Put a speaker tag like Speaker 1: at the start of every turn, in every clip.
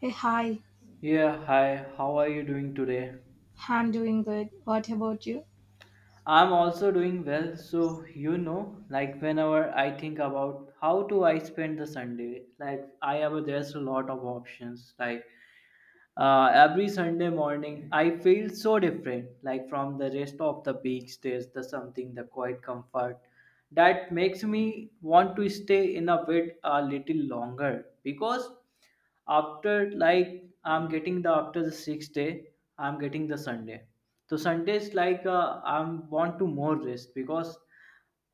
Speaker 1: Hey, hi.
Speaker 2: Yeah, hi, how are you doing today?
Speaker 1: I'm doing good. What about you?
Speaker 2: I'm also doing well, so you know, like whenever I think about how do I spend the Sunday, like I have there's a lot of options. Like every Sunday morning I feel so different, like from the rest of the beach there's the something the quiet comfort that makes me want to stay in a bed a little longer because after like I'm getting the after the sixth day I'm getting the Sunday. So Sunday is like I'm want to more rest because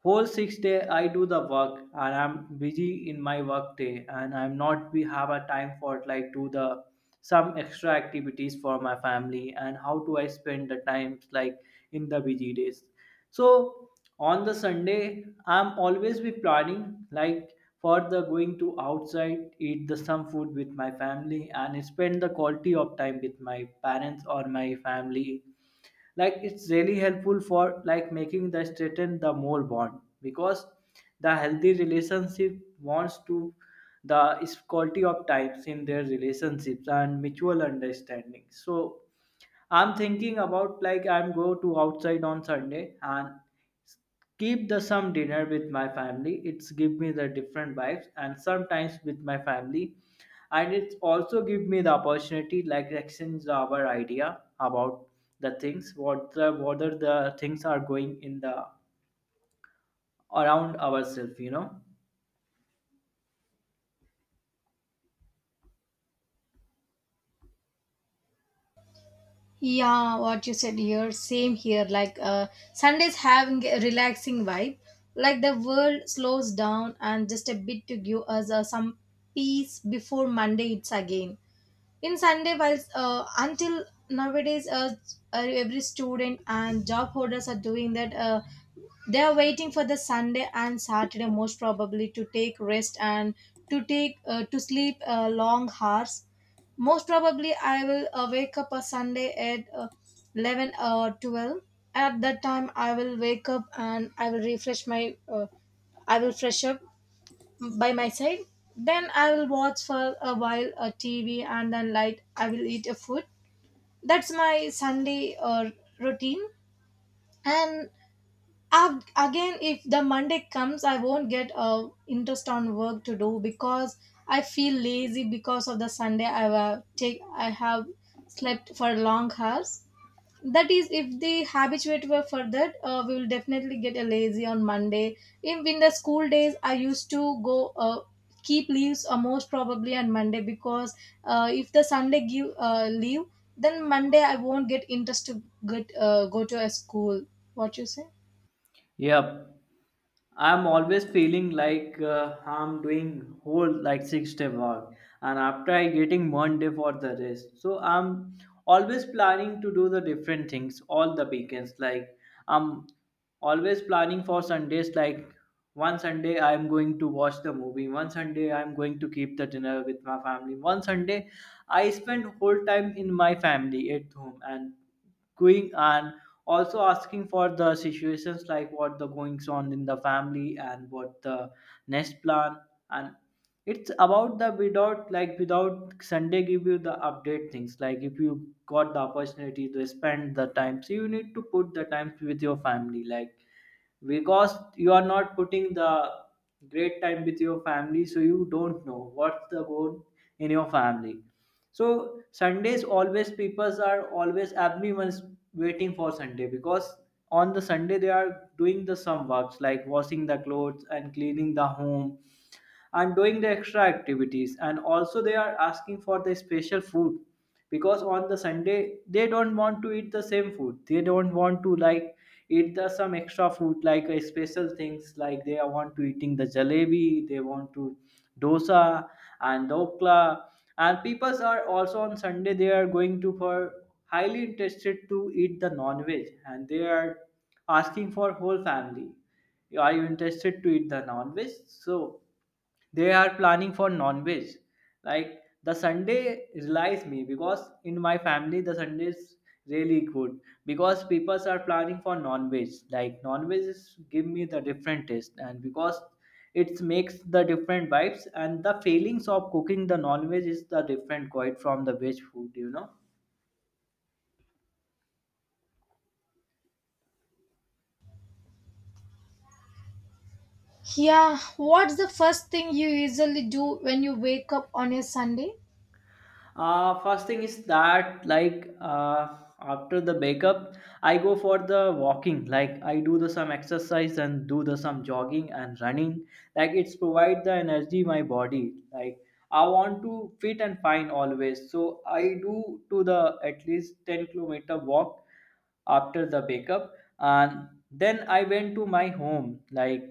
Speaker 2: whole 6 day I do the work and I'm busy in my work day and I'm not we have a time for like do the some extra activities for my family and how do I spend the times like in the busy days. So on the Sunday I'm always be planning like for the going to outside eat the some food with my family and spend the quality of time with my parents or my family, like it's really helpful for like making the straighten the more bond, because the healthy relationship wants to the is quality of times in their relationships and mutual understanding. So I'm thinking about like I'm go to outside on Sunday and keep the some dinner with my family. It's give me the different vibes and sometimes with my family, and it's also give me the opportunity like exchange our idea about the things what the whether the things are going in the around ourselves, you know.
Speaker 1: Yeah, what you said here, same here. Like Sundays having a relaxing vibe. Like the world slows down and just a bit to give us some peace before Monday it's again. In Sunday while until nowadays, every student and job holders are doing that, they are waiting for the Sunday and Saturday most probably to take rest and to take to sleep long hours. Most probably I will wake up a Sunday at 11 or 12. At that time I will wake up and I will refresh my I will fresh up by my side. Then I will watch for a while a TV and then light I will eat a food. That's my Sunday routine. And again, if the Monday comes, I won't get interest on work to do because I feel lazy because of the Sunday I have slept for long hours. That is if the habituate were further, we will definitely get a lazy on Monday. If in the school days I used to go keep leaves most probably on Monday because if the Sunday give leave, then Monday I won't get interest to get go to a school. What you say?
Speaker 2: Yep, I'm always feeling like I'm doing whole like 6 day work and after I getting one day for the rest. So I'm always planning to do the different things all the weekends. Like I'm always planning for Sundays, like one Sunday I'm going to watch the movie. One Sunday I'm going to keep the dinner with my family. One Sunday I spend whole time in my family at home and going and also asking for the situations like what the goings on in the family and what the next plan. And it's about the without, like without Sunday give you the update things. Like if you got the opportunity to spend the time, so you need to put the time with your family, like because you are not putting the great time with your family, so you don't know what's the goal in your family. So Sundays always people are always everyone's waiting for Sunday, because on the Sunday they are doing the some works like washing the clothes and cleaning the home. I'm doing the extra activities, and also they are asking for the special food because on the Sunday they don't want to eat the same food. They don't want to like eat the some extra food, like special things, like they are want to eating the jalebi, they want to dosa and dokla, and peoples are also on Sunday they are going to for highly interested to eat the non-veg, and they are asking for whole family, are you interested to eat the non-veg? So they are planning for non-veg, like the Sunday relies me because in my family the Sunday is really good because people are planning for non-veg. Like non-veg is give me the different taste, and because it makes the different vibes and the feelings of cooking the non-veg is the different quite from the veg food, you know.
Speaker 1: Yeah, what's the first thing you usually do when you wake up on a Sunday?
Speaker 2: First thing is that like after the makeup, I go for the walking. Like I do the some exercise and do the some jogging and running. Like it's provide the energy my body. Like I want to fit and fine always. So I do to the at least 10 kilometer walk after the makeup, and then I went to my home. Like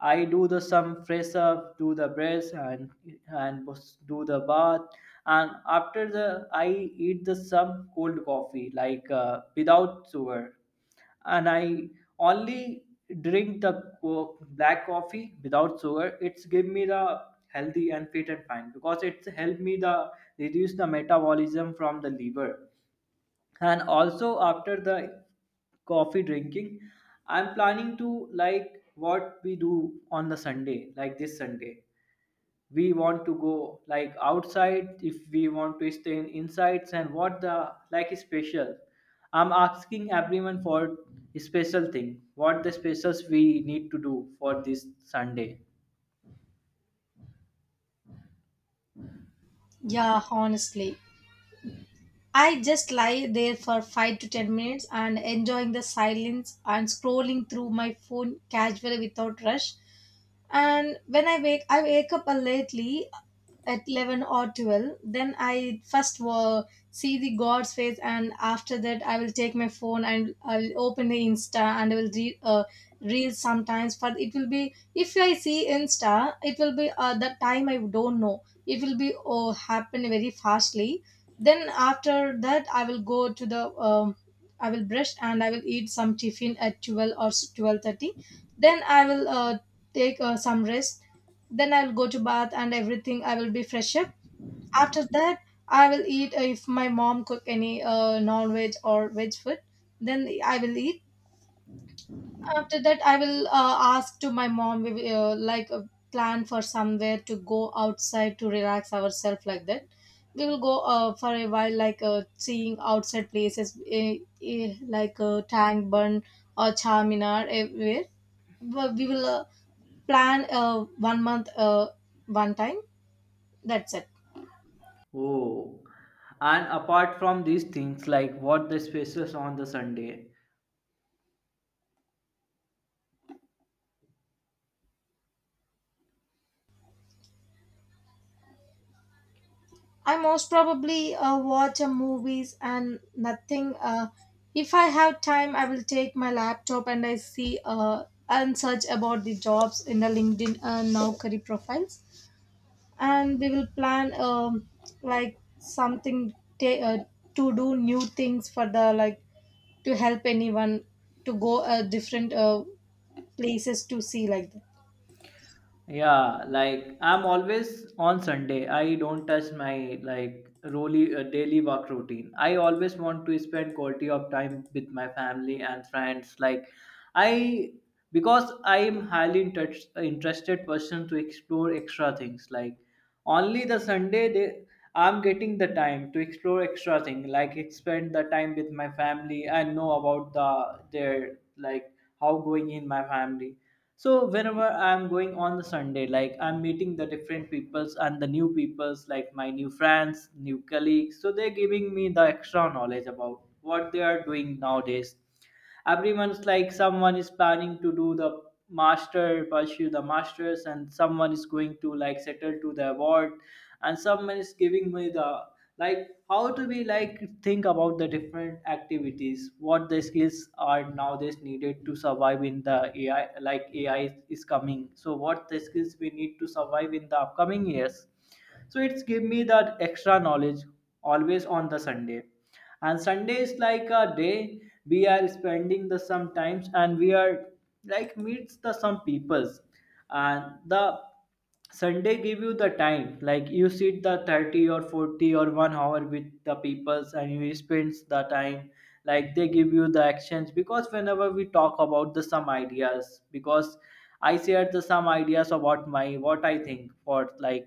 Speaker 2: I do the some fresh up, do the brush and do the bath, and after the I eat the some cold coffee like without sugar, and I only drink the black coffee without sugar. It's give me the healthy and fit and fine because it's help me the reduce the metabolism from the liver, and also after the coffee drinking I'm planning to like what we do on the Sunday. Like this Sunday we want to go like outside, if we want to stay in insights and what the like special. I'm asking everyone for special thing, what the specials we need to do for this Sunday.
Speaker 1: Yeah, honestly, I just lie there for 5 to 10 minutes and enjoying the silence and scrolling through my phone casually without rush. And when I wake up a lately at 11 or 12, then I first will see the god's face and after that I will take my phone and I'll open the Insta and I will read reels sometimes. But it will be, if I see Insta it will be, the time I don't know, it will be, oh, happen very fastly. Then after that I will go to the, I will brush and I will eat some tiffin at 12 or 12:30. Then I will take some rest. Then I'll go to bath and everything. I will be fresh up. After that I will eat, if my mom cook any non-veg or veg food, then I will eat. After that I will ask to my mom we will, like plan for somewhere to go outside to relax ourselves like that. We will go for a while like seeing outside places, like Tank burn or Charminar everywhere. But we will plan one month one time. That's it.
Speaker 2: Oh, and apart from these things, like what the specials on the Sunday.
Speaker 1: I most probably watch a movies and nothing. If I have time I will take my laptop and I see and search about the jobs in the LinkedIn, now career profiles. And we will plan, like something, ta- uh, to do new things for the, like, to help anyone, to go different places to see like that.
Speaker 2: Yeah, like I'm always on Sunday. I don't touch my like really daily work routine. I always want to spend quality of time with my family and friends. Like I because I am highly interested person to explore extra things. Like only the Sunday they I'm getting the time to explore extra thing, like spend the time with my family and know about the their, like how going in my family. So whenever I'm going on the Sunday, like I'm meeting the different peoples and the new peoples, like my new friends, new colleagues, so they're giving me the extra knowledge about what they are doing nowadays. Everyone's like someone is planning to do the master, pursue the masters, and someone is going to like settle to the award, and someone is giving me the like how to be like think about the different activities, what the skills are nowadays needed to survive in the AI. Like AI is coming, so what the skills we need to survive in the upcoming years. So it's give me that extra knowledge always on the Sunday. And Sunday is like a day we are spending the some times and we are like meets the some peoples, and the Sunday give you the time, like you sit the 30 or 40 or 1 hour with the peoples and you spend the time. Like they give you the actions, because whenever we talk about the some ideas, because I share the some ideas about my what I think for, like,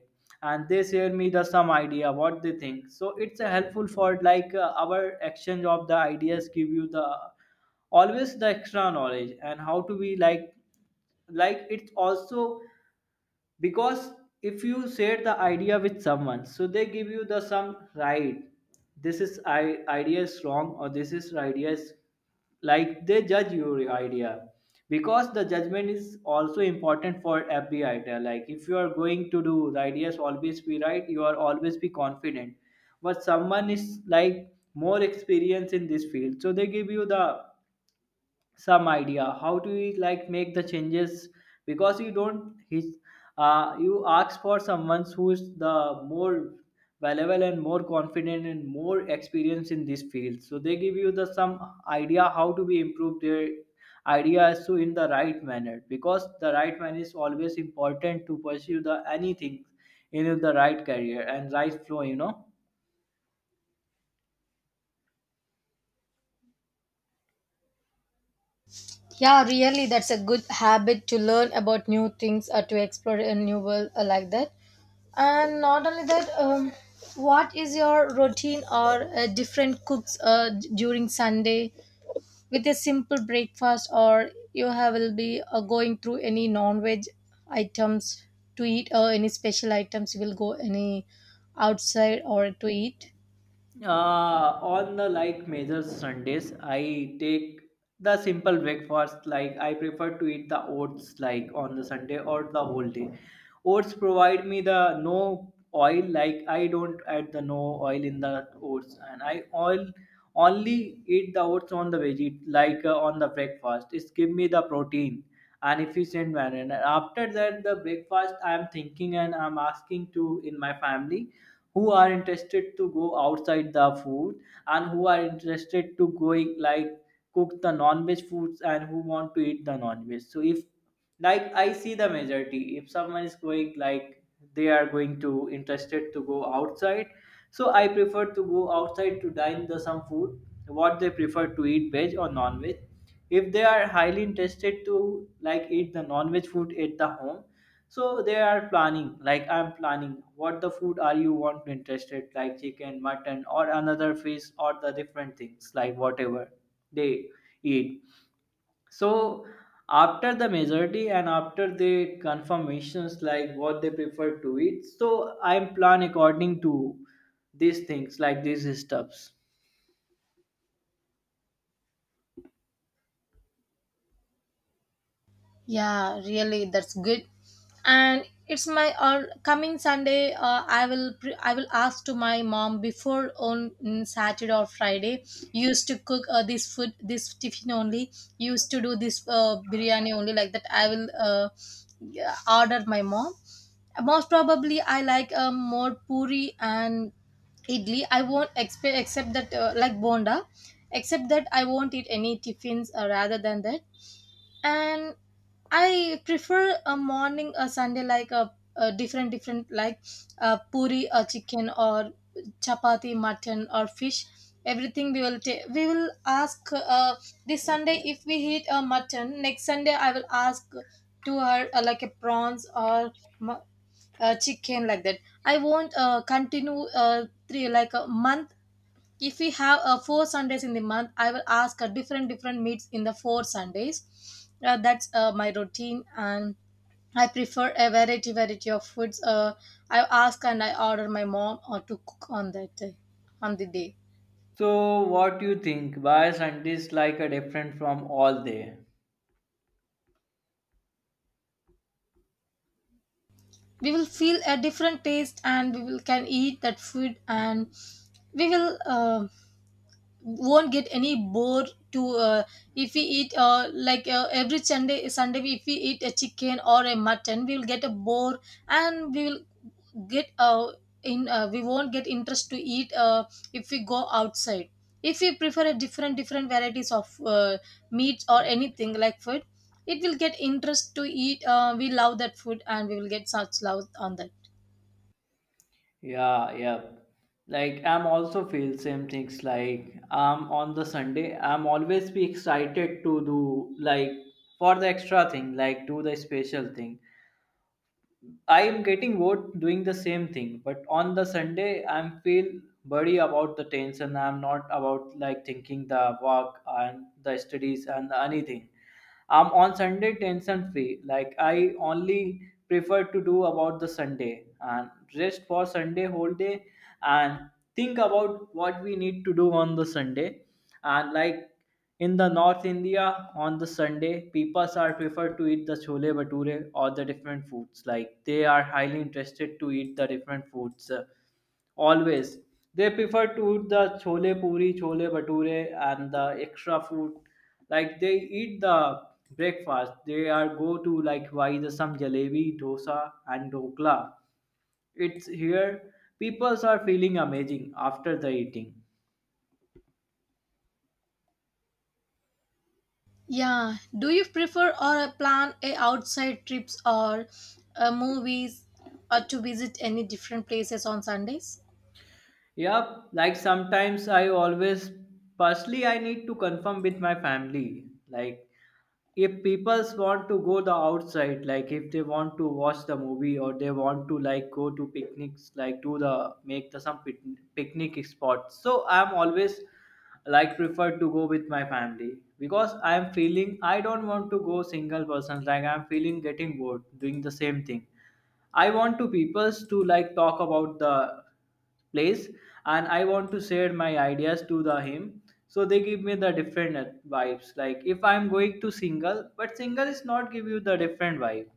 Speaker 2: and they share me the some idea what they think, so it's a helpful for like our exchange of the ideas give you the always the extra knowledge and how to be like it's also because if you share the idea with someone, so they give you the some right, this is idea is wrong, or this is idea is like they judge your idea because the judgment is also important for every idea. Like if you are going to do the ideas always be right, you are always be confident. But someone is like more experience in this field, so they give you the some idea how to we like make the changes, because you don't his you ask for someone who is the more valuable and more confident and more experienced in this field, so they give you the some idea how to be improve their ideas, so in the right manner, because the right manner is always important to pursue the anything in the right career and right flow, you know.
Speaker 1: Yeah, really, that's a good habit to learn about new things or to explore a new world, like that. And not only that, what is your routine or different cooks during Sunday with a simple breakfast? Or you have will be going through any non-veg items to eat? Or any special items you will go any outside or to eat?
Speaker 2: Uh, on the like major Sundays, I take the simple breakfast. Like I prefer to eat the oats, like on the Sunday or the whole day. Oats provide me the no oil, like I don't add the no oil in the oats and I oil only eat the oats on the veggie, like on the breakfast. It's give me the protein and efficient manner, and after that the breakfast I'm thinking and I'm asking to in my family who are interested to go outside the food, and who are interested to going like cook the non-veg foods, and who want to eat the non-veg. So if like I see the majority, if someone is going like they are going to interested to go outside, so I prefer to go outside to dine the some food, what they prefer to eat, veg or non-veg. If they are highly interested to like eat the non-veg food at the home, so they are planning, like I'm planning what the food are you want to interested, like chicken, mutton or another fish or the different things like whatever they eat. So after the majority and after the confirmations, like what they prefer to eat, so I'm plan according to these things, like these stuffs.
Speaker 1: Yeah, really, that's good. And it's my coming Sunday. I will I will ask to my mom before on Saturday or Friday. Used to cook this food, this tiffin only. Used to do this biryani only like that. I will yeah, order my mom. Most probably, I like more puri and idli. I won't expect except that, like bonda, except that I won't eat any tiffins, rather than that. And I prefer a morning a Sunday like a different different like, puri or chicken or chapati mutton or fish everything. We will ask this Sunday. If we eat a mutton next Sunday, I will ask to her like a prawns or mu- chicken like that. I won't continue three like a month. If we have four Sundays in the month, I will ask different different meats in the four Sundays. That's my routine, and I prefer a variety variety of foods. I ask and I order my mom or to cook on that day on the day.
Speaker 2: So what do you think, why Sundays like are different from all day?
Speaker 1: We will feel a different taste and we will can eat that food, and we will won't get any bored to, if we eat like every Sunday Sunday, if we eat a chicken or a mutton, we will get a bore. And we will get in, we won't get interest to eat if we go outside. If we prefer a different different varieties of meat or anything like food, it will get interest to eat. We love that food and we will get such love on that.
Speaker 2: Yeah, yeah, like I'm also feel same things. Like I'm on the Sunday I'm always be excited to do like for the extra thing, like do the special thing. I am getting bored doing the same thing, but on the Sunday I'm feel worry about the tension. I'm not about like thinking the work and the studies and anything. I'm on Sunday tension free. Like I only prefer to do about the Sunday and rest for Sunday whole day and think about what we need to do on the Sunday. And like in the North India on the Sunday, people are prefer to eat the chole bhature or the different foods. Like they are highly interested to eat the different foods. Always. They prefer to eat the chole puri, chole bhature, and the extra food. Like they eat the breakfast. They are go to like buy the some jalebi, dosa, and dokla. It's here. Peoples are feeling amazing after the eating.
Speaker 1: Yeah. Do you prefer or plan a outside trips or movies or to visit any different places on Sundays?
Speaker 2: Yup. Like sometimes I always. Firstly, I need to confirm with my family. Like if peoples want to go the outside like if they want to watch the movie or they want to like go to picnics like do the make the some picnic spots so I'm always like prefer to go with my family because I'm feeling I don't want to go single person like I'm feeling getting bored doing the same thing. I want to peoples to like talk about the place and I want to share my ideas to the him. So they give me the different vibes. Like if I'm going to single, but single is not give you the different vibe.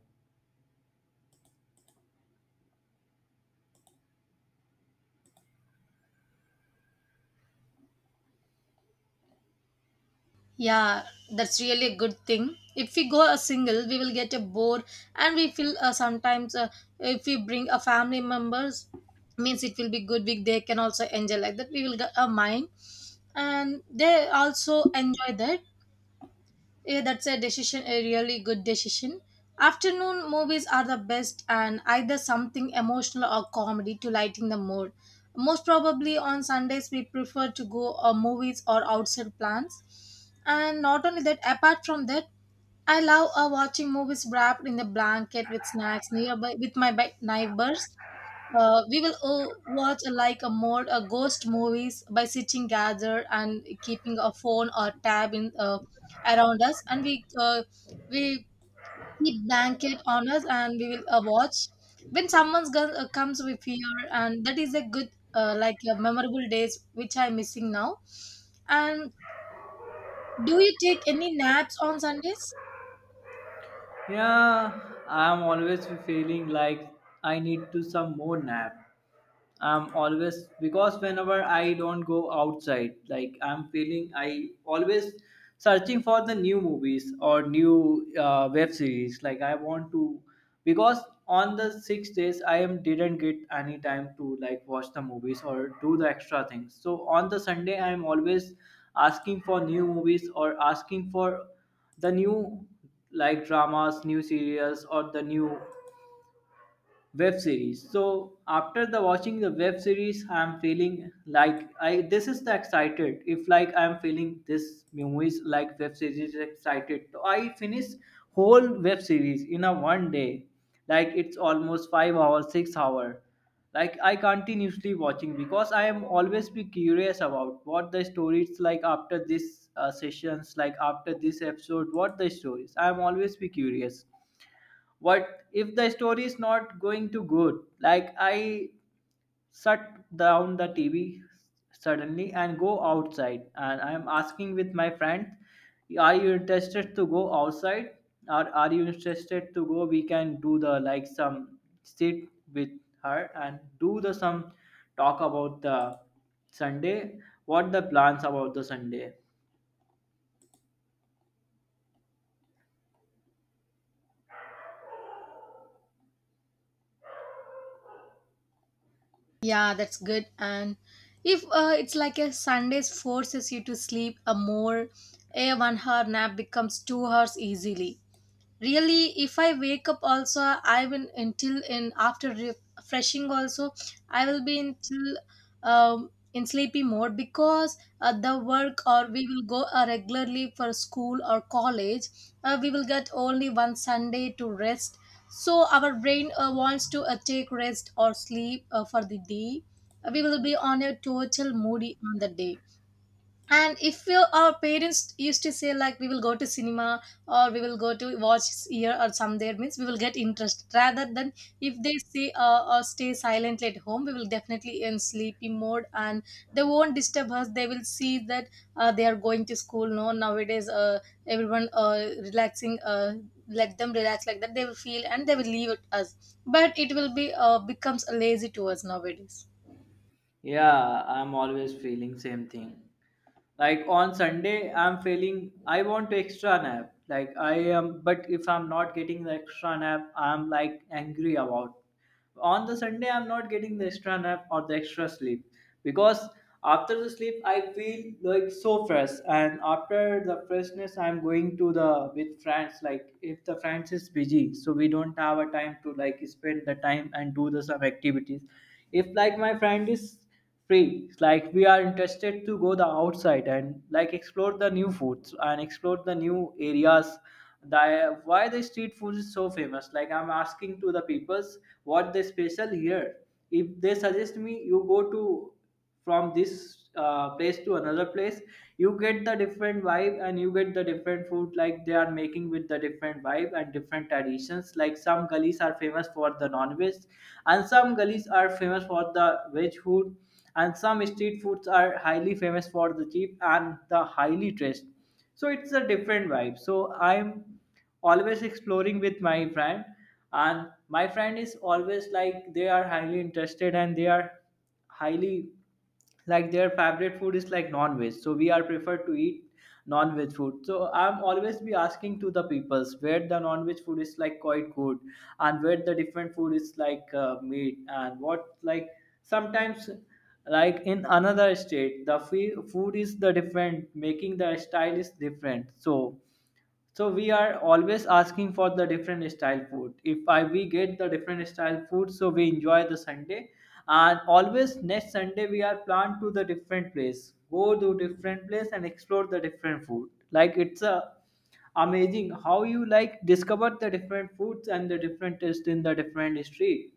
Speaker 1: Yeah, that's really a good thing. If we go a single, we will get a bored and we feel sometimes, if we bring a family members means it will be good week they can also enjoy like that, we will get a mind, and they also enjoy that. Yeah, that's a decision, a really good decision. Afternoon movies are the best, and either something emotional or comedy to lighten the mood. Most probably on Sundays, we prefer to go movies or outside plans. And not only that, apart from that, I love watching movies wrapped in the blanket with snacks nearby with my neighbors. We will watch like a more ghost movies by sitting gathered and keeping a phone or tab in, around us, and we keep blanket on us and we will watch when someone comes with fear, and that is a good like memorable days which I'm missing now. And do you take any naps on Sundays?
Speaker 2: Yeah, I'm always feeling like I need to some more nap. I'm always because whenever I don't go outside, like I'm feeling I always searching for the new movies or new web series. Like I want to because on the 6 days I am didn't get any time to like watch the movies or do the extra things. So on the Sunday I am always asking for new movies or asking for the new like dramas, new serials or the new web series. So after the watching the web series, I'm feeling like I this is the excited. If like I'm feeling this movies like web series is excited, so I finish whole web series in a one day. Like it's almost 5 hours, 6 hour. Like I continuously watching because I am always be curious about what the story is like after this sessions, like after this episode, what the stories. I am always be curious what if the story is not going to good like I shut down the TV suddenly and go outside and I am asking with my friend, are you interested to go outside or are you interested to go we can do the like some sit with her and do the some talk about the Sunday, what the plans about the Sunday.
Speaker 1: Yeah, that's good. And if it's like a Sundays forces you to sleep a more, a 1 hour nap becomes 2 hours easily. Really, if I wake up also, I will until in after refreshing also I will be until, in sleepy mode because the work, or we will go regularly for school or college. We will get only one Sunday to rest, so our brain wants to take rest or sleep for the day. We will be on a total moody on the day. And if you, our parents used to say like we will go to cinema or we will go to watch here or some there means we will get interest, rather than if they say or stay silently at home, we will definitely in sleepy mode and they won't disturb us. They will see that they are going to school no nowadays, everyone relaxing, let them relax like that they will feel and they will leave it us, but it will be becomes lazy to us nowadays.
Speaker 2: Yeah, I'm always feeling same thing. Like on Sunday I'm feeling I want to extra nap like I am but if I'm not getting the extra nap I'm like angry about on the Sunday I'm not getting the extra nap or the extra sleep because after the sleep I feel like so fresh and after the freshness I'm going to the with friends like if the friends is busy so we don't have a time to like spend the time and do the some activities. If like my friend is free. It's like we are interested to go the outside and like explore the new foods and explore the new areas. The, why the street food is so famous? Like I'm asking to the peoples what they special here. If they suggest me, you go to from this place to another place you get the different vibe and you get the different food like they are making with the different vibe and different traditions like some gullies are famous for the non-veg and some gullies are famous for the veg food and some street foods are highly famous for the cheap and the highly dressed so it's a different vibe so I'm always exploring with my friend. And my friend is always like they are highly interested and they are highly like their favorite food is like non-veg so we are preferred to eat non-veg food so I'm always be asking to the peoples where the non-veg food is like quite good and where the different food is like meat and what like sometimes like in another state the food is the different making the style is different so we are always asking for the different style food if I we get the different style food so we enjoy the Sunday and always next Sunday we are planned to the different place go to different place and explore the different food like it's a amazing how you like discover the different foods and the different taste in the different street.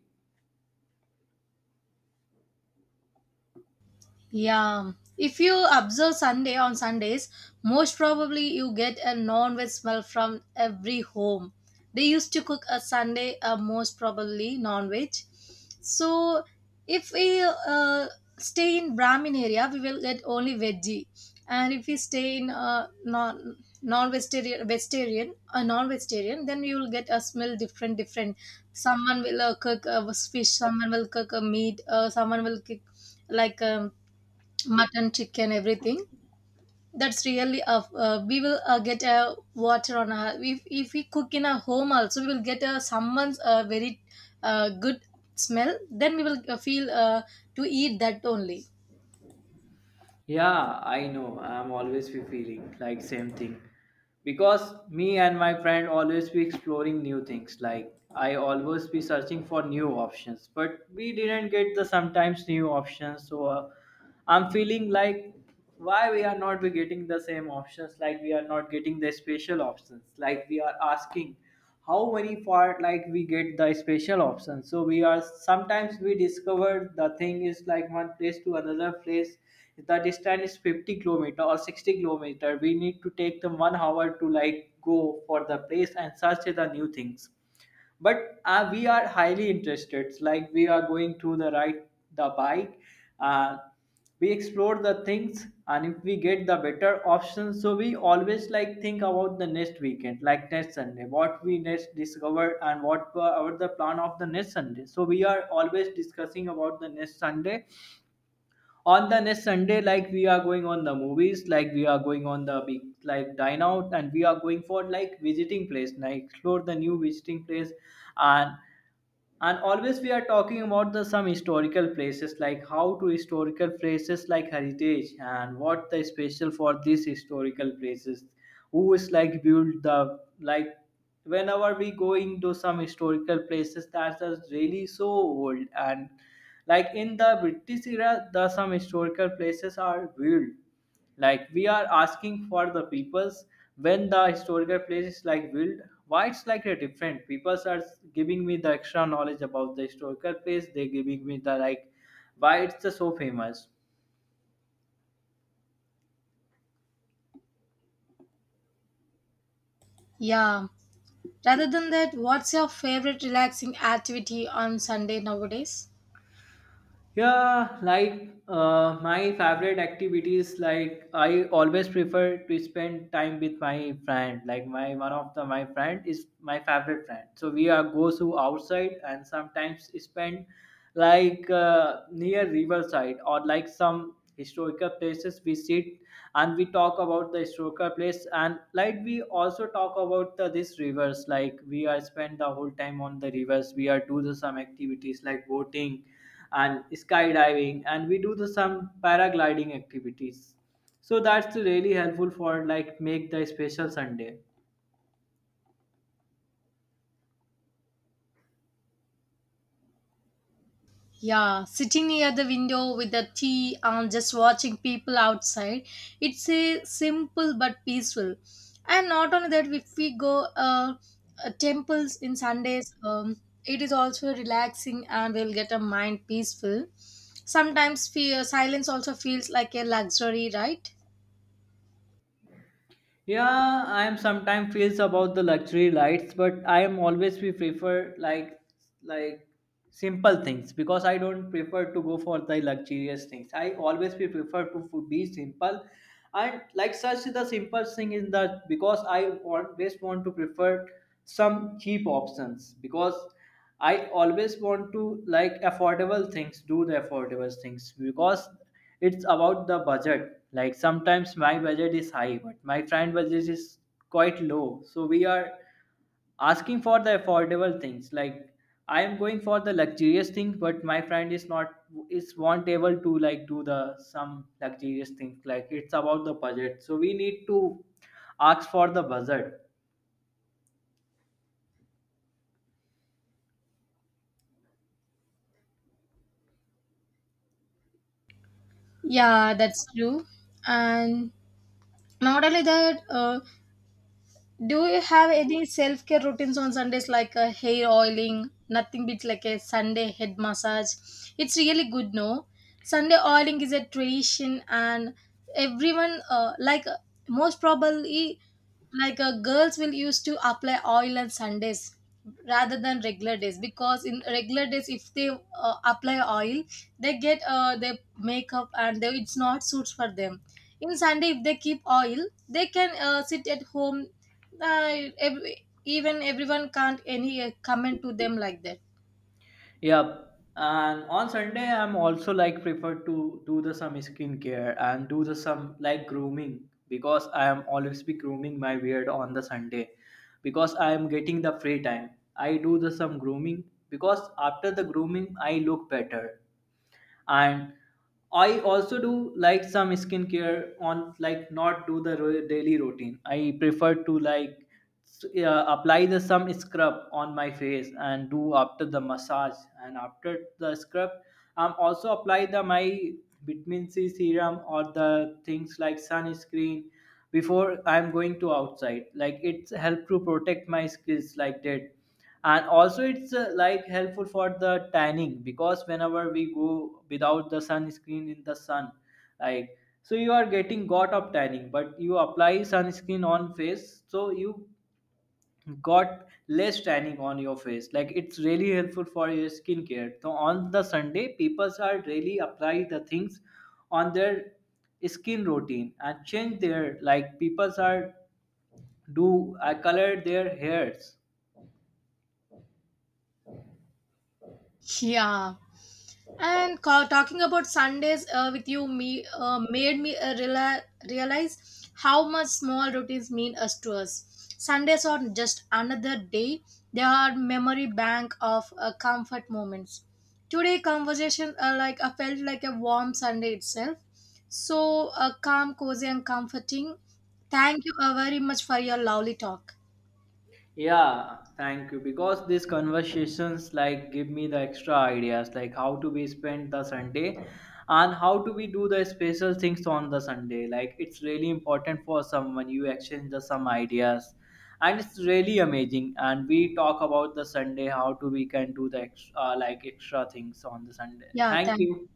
Speaker 1: Yeah, if you observe Sunday on Sundays, most probably you get a non-veg smell from every home. They used to cook a Sunday, most probably non-veg. So if we stay in Brahmin area, we will get only veggie, and if we stay in non-vegetarian, then you will get a smell different different. Someone will cook a fish, someone will cook a meat, someone will cook like mutton, chicken, everything. That's really a, we will get a water on our, if we cook in our home also we will get a someone's very good smell. Then we will feel to eat that only.
Speaker 2: Yeah, I know. I'm always be feeling like same thing. Because me and my friend always be exploring new things. Like I always be searching for new options, but we didn't get the sometimes new options. So I'm feeling like why we are not be getting the same options like we are not getting the special options like we are asking how many part like we get the special options so we are sometimes we discovered the thing is like one place to another place the distance is 50 kilometer or 60 kilometer we need to take the one hour to like go for the place and search the new things, but we are highly interested. It's like we are going to the ride the bike uh, we explore the things and if we get the better options so we always like think about the next weekend like next Sunday what we next discovered and what were our the plan of the next Sunday so we are always discussing about the next Sunday. On the next Sunday like we are going on the movies like we are going on the big like dine out and we are going for like visiting place like explore the new visiting place and and always we are talking about the some historical places like how to historical places like heritage and what the special for these historical places who is like build the like whenever we going to some historical places that are really so old and like in the British era the some historical places are built like we are asking for the peoples when the historical place is like built, why it's like a different. Peoples are giving me the extra knowledge about the historical place. They giving me the like why it's the so famous.
Speaker 1: Yeah. Rather than that, what's your favorite relaxing activity on Sunday nowadays?
Speaker 2: Yeah, like my favorite activities, like I always prefer to spend time with my friend. Like my one of the my friend is my favorite friend. So we are go to outside and sometimes spend like near riverside or like some historical places. We sit and we talk about the historical place and like we also talk about the this rivers. Like we are spend the whole time on the rivers. We are do the some activities like boating and skydiving and we do the some paragliding activities so that's really helpful for like make the special Sunday.
Speaker 1: Yeah, sitting near the window with the tea and just watching people outside. It's a simple but peaceful. And not only that, if we go temples in Sundays, it is also relaxing and we'll get a mind peaceful. Sometimes fear, silence also feels like a luxury, right?
Speaker 2: Yeah, I am sometimes feels about the luxury lights but I am always we prefer like like simple things because I don't prefer to go for the luxurious things I always we prefer to be simple and like such the simple thing is that because I always want to prefer some cheap options because I always want to like affordable things, do the affordable things because it's about the budget. Like sometimes my budget is high, but my friend budget is quite low. So we are asking for the affordable things. Like I am going for the luxurious things, but my friend is not able to like do the some luxurious things. Like it's about the budget. So we need to ask for the budget.
Speaker 1: Yeah, that's true. And not only that, do you have any self care routines on Sundays like hair oiling? Nothing beats like a Sunday head massage. It's really good, no? Sunday oiling is a tradition, and everyone, like most probably, like girls will used to apply oil on Sundays rather than regular days because in regular days if they apply oil they get their makeup and they, it's not suits for them. In Sunday if they keep oil they can sit at home. Even everyone can't any comment to them like that.
Speaker 2: Yep. And on Sunday, I'm also like prefer to do the some skincare and do the some like grooming because I am always be grooming my beard on the Sunday because I am getting the free time. I do the some grooming because after the grooming I look better and I also do like some skincare on like not do the daily routine I prefer to like apply the some scrub on my face and do after the massage and after the scrub I'm also apply the my vitamin C serum or the things like sunscreen before I'm going to outside like it's help to protect my skills like that. And also it's like helpful for the tanning because whenever we go without the sunscreen in the sun like so you are getting got of tanning but you apply sunscreen on face so you got less tanning on your face like it's really helpful for your skincare so on the Sunday people are really apply the things on their skin routine and change their like people are do I color their hairs.
Speaker 1: Yeah. And talking about Sundays with you me made me realize how much small routines mean us to us. Sundays are just another day. They are memory bank of comfort moments. Today conversation, like I felt like a warm Sunday itself. So, calm, cozy, and comforting. Thank you very much for your lovely talk.
Speaker 2: Yeah, thank you. Because these conversations like give me the extra ideas, like how to be spend the Sunday and how to be do the special things on the Sunday. Like it's really important for someone you exchange the some ideas, and it's really amazing. And we talk about the Sunday, how to we can do the extra, like extra things on the Sunday.
Speaker 1: 要带。
Speaker 2: Thank you.